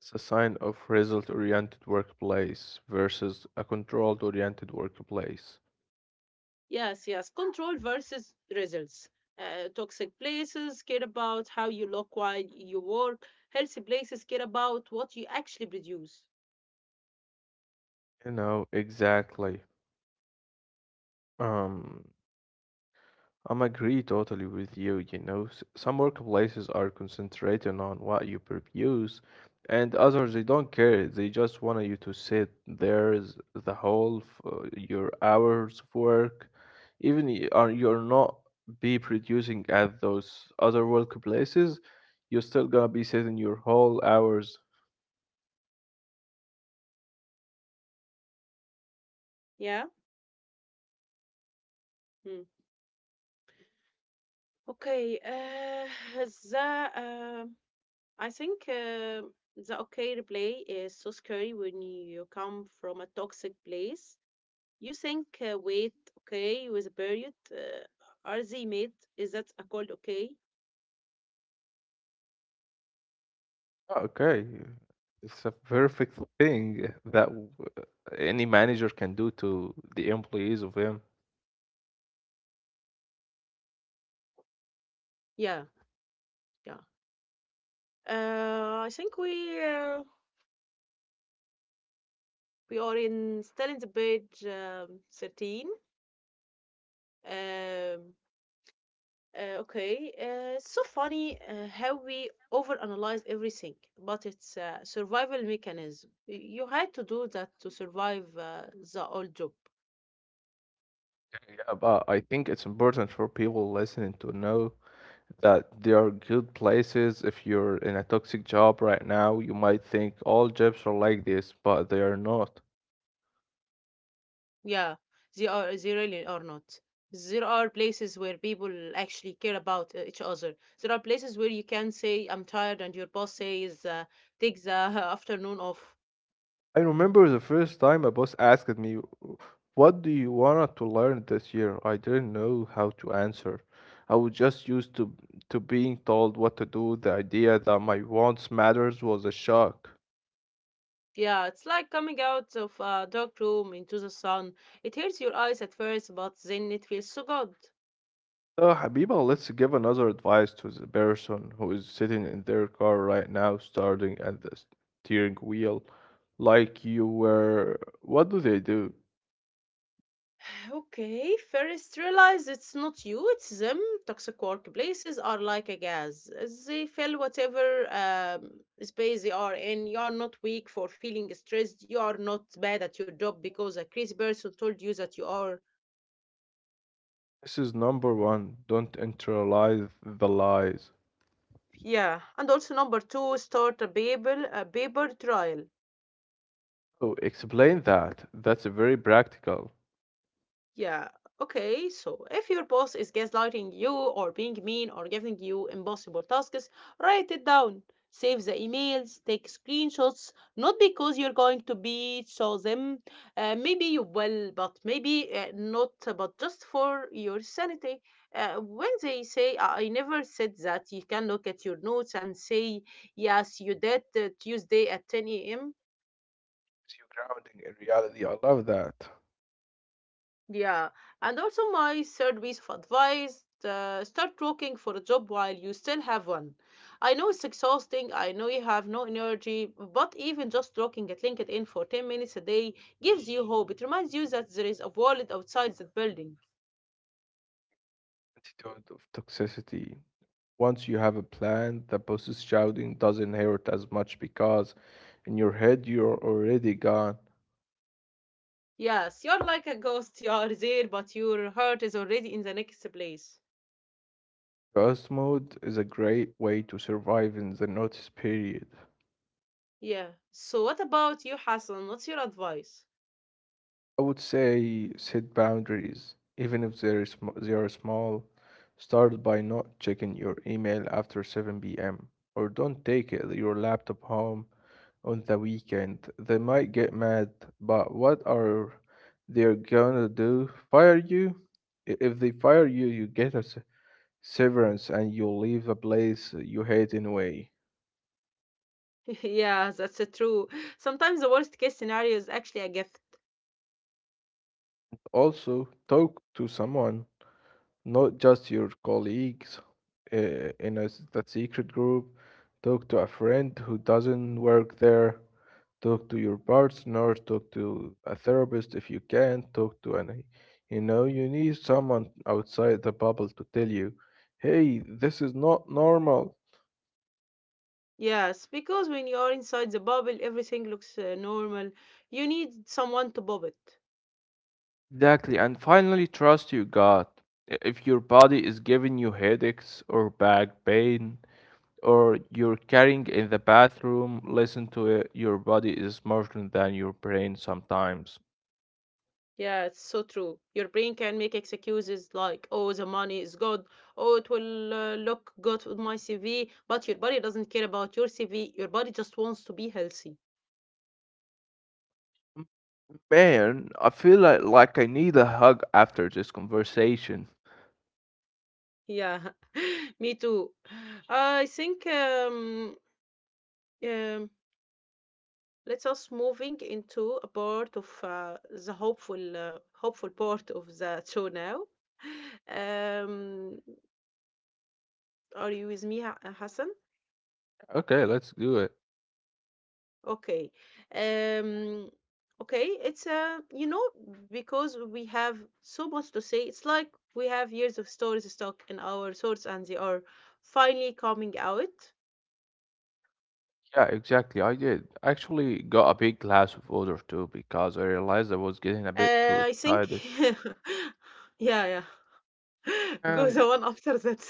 Speaker 2: It's a sign of result oriented workplace versus a controlled oriented workplace.
Speaker 1: Yes, yes. Control versus results. Uh, toxic places care about how you look while you work. Healthy places care about what you actually produce.
Speaker 2: You know, exactly. Um, I'm agree totally with you. You know, S- some workplaces are concentrating on what you produce, and others they don't care. They just want you to sit there is the whole f- uh, your hours of work, even y- are you're not be producing at those other workplaces, you're still gonna be sitting your whole hours.
Speaker 1: Yeah. Hmm. Okay. Uh, the uh, I think uh, the okay replay is so scary when you come from a toxic place. You think, uh, wait, okay, with a period, uh, are they made? Is that a called okay?
Speaker 2: Okay, it's a perfect thing that w- any manager can do to the employees of him.
Speaker 1: Yeah. Yeah. Uh, I think we uh, We are in still in the page um, thirteen. Um, uh, okay, uh, it's so funny uh, how we overanalyze everything, but it's a survival mechanism. Y- You had to do that to survive uh, the old job.
Speaker 2: Yeah, but I think it's important for people listening to know that there are good places. If you're in a toxic job right now, you might think all jobs are like this, but they are not.
Speaker 1: Yeah, they are they really are not. There are places where people actually care about uh, each other. There are places where you can say, "I'm tired," and your boss says, uh, "Take the (laughs) afternoon off."
Speaker 2: I remember the first time a boss asked me, what do you want to learn this year? I didn't know how to answer. I was just used to, to being told what to do. The idea that my wants matters was a shock.
Speaker 1: Yeah, it's like coming out of a dark room into the sun. It hurts your eyes at first, but then it feels so good.
Speaker 2: So, Habiba, let's give another advice to the person who is sitting in their car right now, starting at the steering wheel, like you were. What do they do?
Speaker 1: (sighs) Okay, first realize it's not you, it's them. Toxic workplaces are like a gas. They fill whatever um, space they are in. You are not weak for feeling stressed. You are not bad at your job because a crazy person told you that you are.
Speaker 2: This is number one. Don't internalize the lies.
Speaker 1: Yeah, and also number two, start a paper, a paper trial.
Speaker 2: Oh, explain that. That's very practical.
Speaker 1: Yeah. Okay. So if your boss is gaslighting you or being mean or giving you impossible tasks, write it down. Save the emails, take screenshots, not because you're going to be show them. Uh, maybe you will, but maybe uh, not, but just for your sanity. Uh, when they say, I I never said that, you can look at your notes and say, yes, you did uh, Tuesday at ten a m.
Speaker 2: It's you grounding in reality. I love that.
Speaker 1: Yeah, and also my third piece of advice, uh, start working for a job while you still have one. I know it's exhausting, I know you have no energy, but even just looking at LinkedIn for ten minutes a day gives you hope. It reminds you that there is a world outside that building.
Speaker 2: Attitude of toxicity. Once you have a plan, the boss's shouting doesn't hurt as much because in your head you're already gone.
Speaker 1: Yes, you're like a ghost, you are there, but your heart is already in the next place.
Speaker 2: Ghost mode is a great way to survive in the notice period.
Speaker 1: Yeah. So what about you, Hassan? What's your advice?
Speaker 2: I would say set boundaries, even if they are, sm- they are small. Start by not checking your email after seven p m or don't take it- your laptop home on the weekend. They might get mad, but what are they gonna do? Fire you? I- If they fire you, you get a s- severance and you leave a place you hate anyway.
Speaker 1: (laughs) Yeah, that's uh, true. Sometimes the worst case scenario is actually a gift.
Speaker 2: Also, talk to someone, not just your colleagues uh, in a, s- that secret group. Talk to a friend who doesn't work there. Talk to your partner. Talk to a therapist if you can. Talk to any. You know, you need someone outside the bubble to tell you, hey, this is not normal.
Speaker 1: Yes, because when you are inside the bubble, everything looks uh, normal. You need someone to bob it.
Speaker 2: Exactly. And finally, trust your gut. I- If your body is giving you headaches or back pain, or you're carrying in the bathroom, listen to it. Your body is smarter than your brain sometimes.
Speaker 1: Yeah, it's so true. Your brain can make excuses like, oh, the money is good, oh, it will uh, look good with my C V, but your body doesn't care about your C V. Your body just wants to be healthy.
Speaker 2: M- Man, I feel like, like I need a hug after this conversation.
Speaker 1: Yeah, (laughs) me too. I think um, um, let us moving into a part of uh, the hopeful uh, hopeful part of the show now. (laughs) Um, are you with me, Ha- Hassan?
Speaker 2: Okay, let's do it.
Speaker 1: Okay. Um, okay. It's uh, you know, because we have so much to say. It's like we have years of stories stuck in our thoughts, and they are finally coming out.
Speaker 2: Yeah, exactly. I did. I actually got a big glass of water too because I realized I was getting a bit too
Speaker 1: Uh, I think.
Speaker 2: excited.
Speaker 1: (laughs) yeah, yeah. (laughs) Go
Speaker 2: And
Speaker 1: the one after that.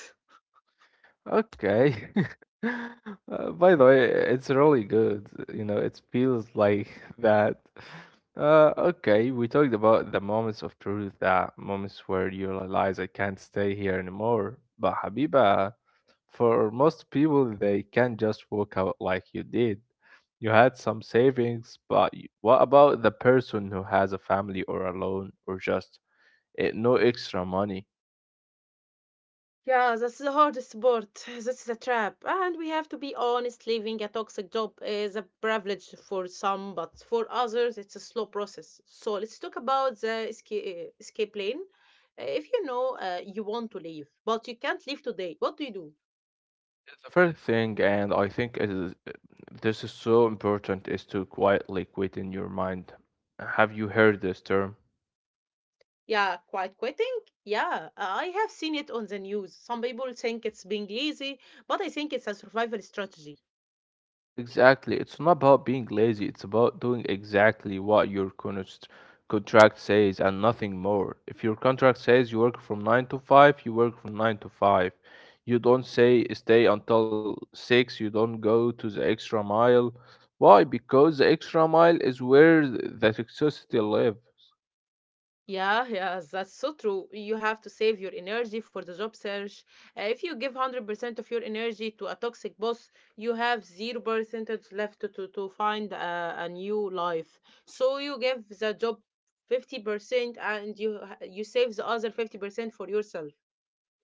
Speaker 2: okay. (laughs) Uh, by the way, it's really good. You know, it feels like (laughs) that. Uh, okay, we talked about the moments of truth, that moments where you realize I can't stay here anymore. But Habiba, for most people, they can't just walk out like you did. You had some savings, but y- what about the person who has a family or a loan or just eh, no extra money?
Speaker 1: Yeah, that's the hardest part. (sighs) That's the trap. And we have to be honest, leaving a toxic job is a privilege for some, but for others, it's a slow process. So let's talk about the escape, escape lane. Uh, If you know uh, you want to leave, but you can't leave today, what do you do?
Speaker 2: The first thing, and I think it is, this is so important, is to quietly quit in your mind. Have you heard this term?
Speaker 1: Yeah, quiet quitting? Yeah, I have seen it on the news. Some people think it's being lazy, but I think it's a survival strategy.
Speaker 2: Exactly. It's not about being lazy, it's about doing exactly what your const- contract says and nothing more. If your contract says you work from nine to five, you work from nine to five. You don't say stay until six, you don't go to the extra mile. Why? Because the extra mile is where th- the toxicity live.
Speaker 1: Yeah, yeah, that's so true. You have to save your energy for the job search. Uh, if you give one hundred percent of your energy to a toxic boss, you have zero percent left to, to, to find a, a new life. So you give the job fifty percent and you ha- you save the other fifty percent for yourself.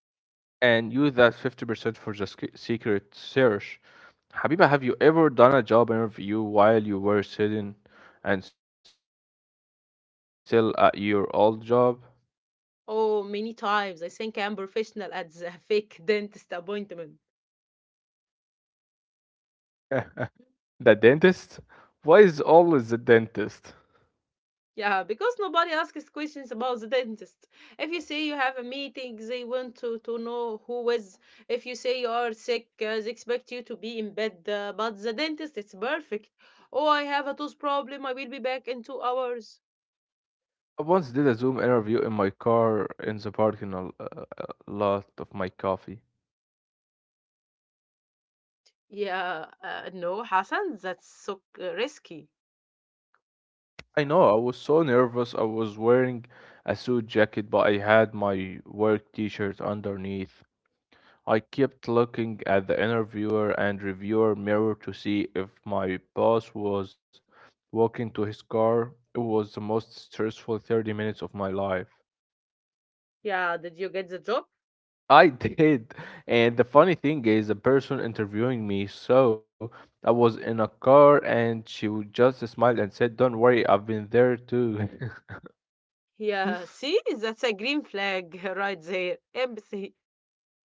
Speaker 2: And use that fifty percent for the sec- secret search. Habiba, have you ever done a job interview while you were sitting and still at your old job?
Speaker 1: Oh, many times I think I'm professional at the (laughs) fake dentist appointment.
Speaker 2: (laughs) the dentist? Why is always the dentist?
Speaker 1: Yeah, because nobody asks questions about the dentist. If you say you have a meeting, they want to, to know who is. If you say you are sick, uh, they expect you to be in bed. Uh, but the dentist, it's perfect. Oh, I have a tooth problem. I will be back in two hours.
Speaker 2: I once did a Zoom interview in my car in the parking l- uh, uh, lot of my coffee.
Speaker 1: Yeah, uh, no, Hassan, that's so uh, risky.
Speaker 2: I know, I was so nervous. I was wearing a suit jacket, but I had my work t shirt underneath. I kept looking at the interviewer and reviewer mirror to see if my boss was walking to his car. It was the most stressful thirty minutes of my life.
Speaker 1: Yeah, did you get the job?
Speaker 2: I (laughs) did. And the funny thing is, the person interviewing me, so I was in a car and she would just smiled and said, don't worry, I've been there too. (laughs)
Speaker 1: Yeah, see, that's a green flag (laughs) right there. Empathy.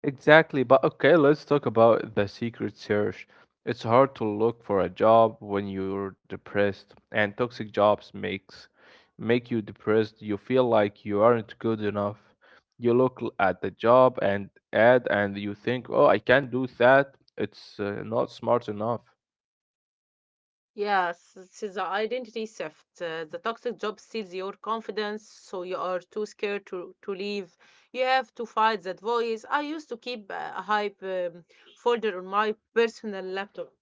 Speaker 2: Exactly, but okay, let's talk about the secret search. It's hard to look for a job when you're depressed, and toxic jobs makes make you depressed. You feel like you aren't good enough. You look l- at the job and ad, and you think, "Oh, I can't do that. It's uh, not smart enough."
Speaker 1: Yes, it is the identity shift. Uh, the toxic job steals your confidence, so you are too scared to, to leave. You have to fight that voice. I used to keep a a hype um, folder on my personal laptop.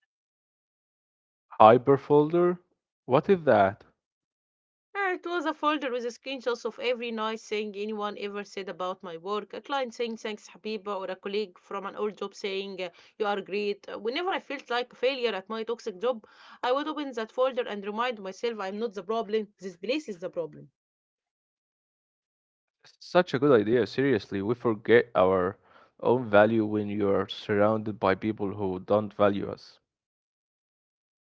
Speaker 2: Hyperfolder? What is that?
Speaker 1: Uh, It was a folder with screenshots of every nice thing anyone ever said about my work. A client saying thanks, Habiba, or a colleague from an old job saying uh, you are great. Uh, Whenever I felt like a failure at my toxic job, I would open that folder and remind myself I'm not the problem. This place is the problem.
Speaker 2: Such a good idea. Seriously, we forget our own value when you are surrounded by people who don't value us.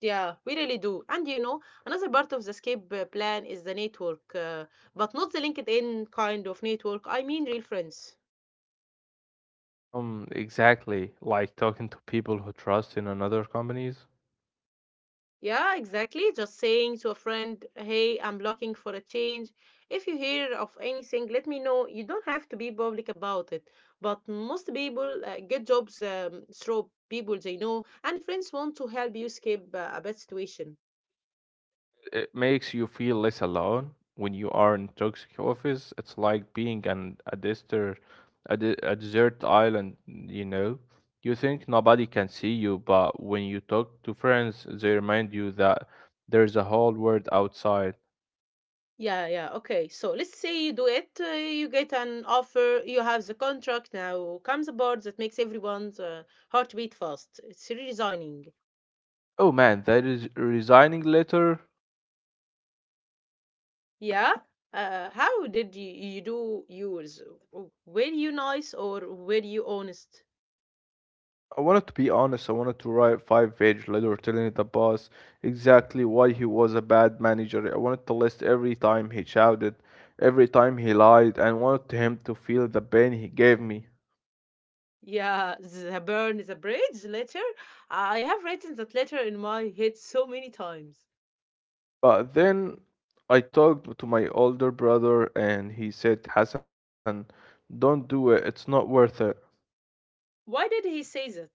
Speaker 1: Yeah, we really do. And you know, another part of the escape uh, plan is the network, uh, but not the LinkedIn kind of network. I mean, real friends.
Speaker 2: Um, exactly. Like talking to people who trust in another companies,
Speaker 1: Yeah, exactly. Just saying to a friend, hey, I'm looking for a change. If you hear of anything, let me know. You don't have to be public about it. But most people uh, get jobs um, through people they know, and friends want to help you escape uh, a bad situation.
Speaker 2: it makes you feel less alone when you are in toxic office. It's like being an a desert, a, de a desert island, you know. You think nobody can see you, but when you talk to friends, they remind you that there's a whole world outside.
Speaker 1: Yeah, yeah. Okay. So let's say you do it. Uh, you get an offer. You have the contract. Now comes a board that makes everyone's uh, heartbeat fast. It's resigning.
Speaker 2: Oh man, that is resigning letter.
Speaker 1: Yeah. Uh, how did you, you do yours? W- Were you nice or were you honest?
Speaker 2: I wanted to be honest. I wanted to write a five page letter telling the boss exactly why he was a bad manager. I wanted to list every time he shouted, every time he lied, and wanted him to feel the pain he gave me.
Speaker 1: Yeah, the burn is a bridge letter. I have written that letter in my head so many times.
Speaker 2: But then I talked to my older brother and he said, Hassan, don't do it. It's not worth it.
Speaker 1: Why did he say that?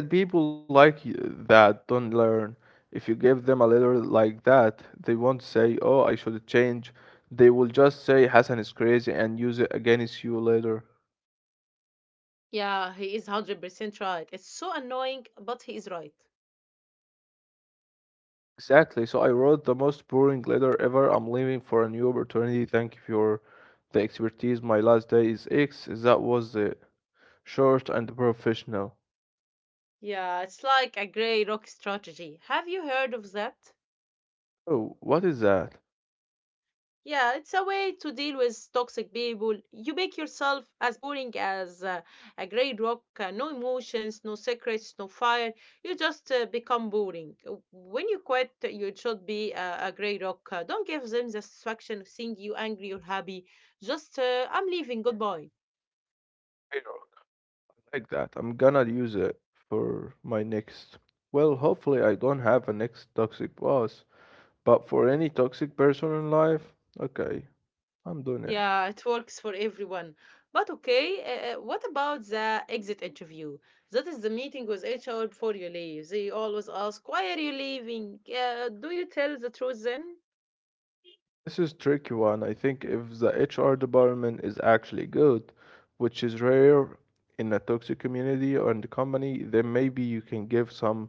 Speaker 2: He said people like y- that don't learn. If you give them a letter like that, they won't say, "Oh, I should change." They will just say Hassan is crazy and use it against you later.
Speaker 1: Yeah, he is one hundred percent right. It's so annoying, but he is right.
Speaker 2: Exactly. So I wrote the most boring letter ever. I'm leaving for a new opportunity. Thank you for the expertise. My last day is X. That was it. Short and professional.
Speaker 1: Yeah, it's like a gray rock strategy. Have you heard of that?
Speaker 2: Oh, what is that?
Speaker 1: Yeah, it's a way to deal with toxic people. You make yourself as boring as uh, a gray rock, uh, no emotions, no secrets, no fire. You just uh, become boring. Uh, When you quit, you should be a, a gray rock. Uh, don't give them the satisfaction of seeing you angry or happy. Just, uh, I'm leaving, goodbye.
Speaker 2: I don't like that. I'm gonna use it for my next. Well, hopefully I don't have a next toxic boss. But for any toxic person in life, okay, I'm doing it.
Speaker 1: Yeah, it works for everyone. But okay, uh, uh, what about the exit interview? That is the meeting with H R before you leave. They always ask, why are you leaving? Uh, do you tell the truth then?
Speaker 2: This is tricky one. I think if the H R department is actually good, which is rare in a toxic community or in the company, then maybe you can give some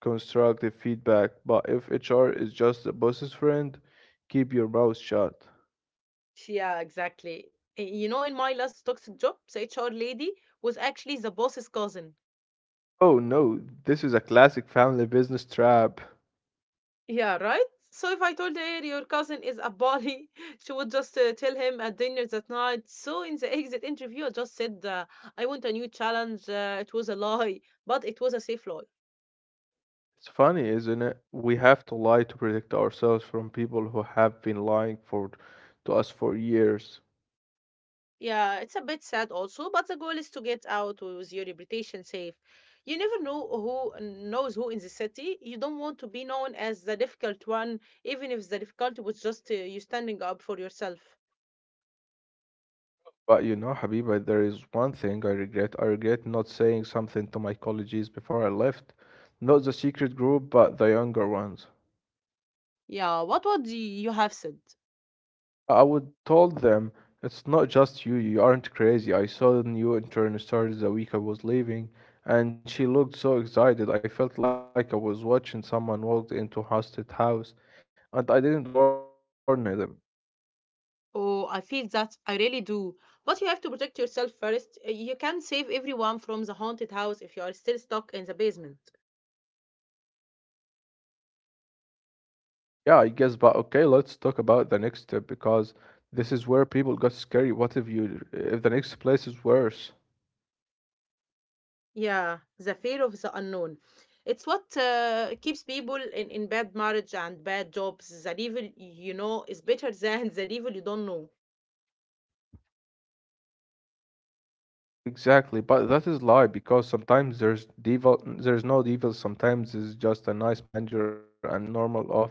Speaker 2: constructive feedback. But if H R is just the boss's friend, keep your mouth shut.
Speaker 1: Yeah, exactly. Y- You know, in my last toxic job, the H R lady was actually the boss's cousin.
Speaker 2: Oh no, this is a classic family business trap.
Speaker 1: Yeah, right? So if I told her your cousin is a bully, (laughs) she would just uh, tell him at dinner that night. So in the exit interview, I just said, uh, I want a new challenge. Uh, it was a lie, but it was a safe lie.
Speaker 2: It's funny, isn't it? We have to lie to protect ourselves from people who have been lying for to us for years.
Speaker 1: Yeah, it's a bit sad also, but the goal is to get out with your reputation safe. You never know who knows who in the city. You don't want to be known as the difficult one, even if the difficulty was just uh, you standing up for yourself.
Speaker 2: But you know, Habiba, there is one thing I regret. I regret not saying something to my colleagues before I left. Not the secret group, but the younger ones.
Speaker 1: Yeah, what would y- you have said?
Speaker 2: I would told them it's not just you, you aren't crazy. I saw the new intern started the week I was leaving, and she looked so excited. I felt like I was watching someone walk into a haunted house, and I didn't warn them.
Speaker 1: Oh, I feel that. I really do. But you have to protect yourself first. Uh, You can save everyone from the haunted house if you are still stuck in the basement.
Speaker 2: Yeah, I guess, but okay, let's talk about the next step because this is where people got scary. What if you if the next place is worse?
Speaker 1: Yeah, the fear of the unknown. It's what uh, keeps people in, in bad marriage and bad jobs. The devil you know is better (laughs) than the devil you don't know.
Speaker 2: Exactly, but that is lie because sometimes there's devil, there's no devil, sometimes it's just a nice manager and normal office.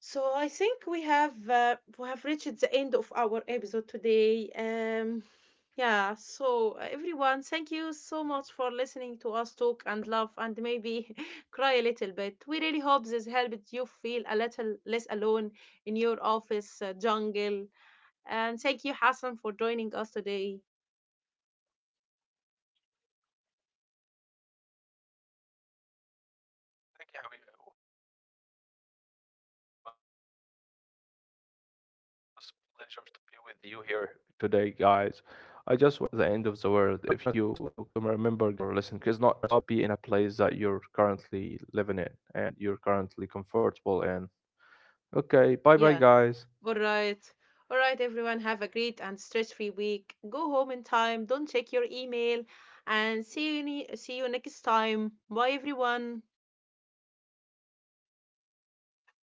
Speaker 1: So I think we have uh, we have reached the end of our episode today. Um, yeah. So uh, everyone, thank you so much for listening to us talk and laugh and maybe (laughs) cry a little bit. We really hope this helped you feel a little less alone in your office uh, jungle. And thank you, Hassan, for joining us today.
Speaker 2: Thank you, Javier. It was a pleasure to be with you here today, guys. I just wanted to remember, guys and girls who are listening to us, uh, stay safe and work is not the end of the world. If you kind of left a job, you can find another. Just uh, be in a place that you're currently living in and you're currently comfortable in. Okay, bye bye,
Speaker 1: Yeah.
Speaker 2: guys.
Speaker 1: All right. All right, everyone. Have a great and stress-free week. Go home in time. Don't check your email. And see you ne- see you next time. Bye, everyone.
Speaker 2: Bye.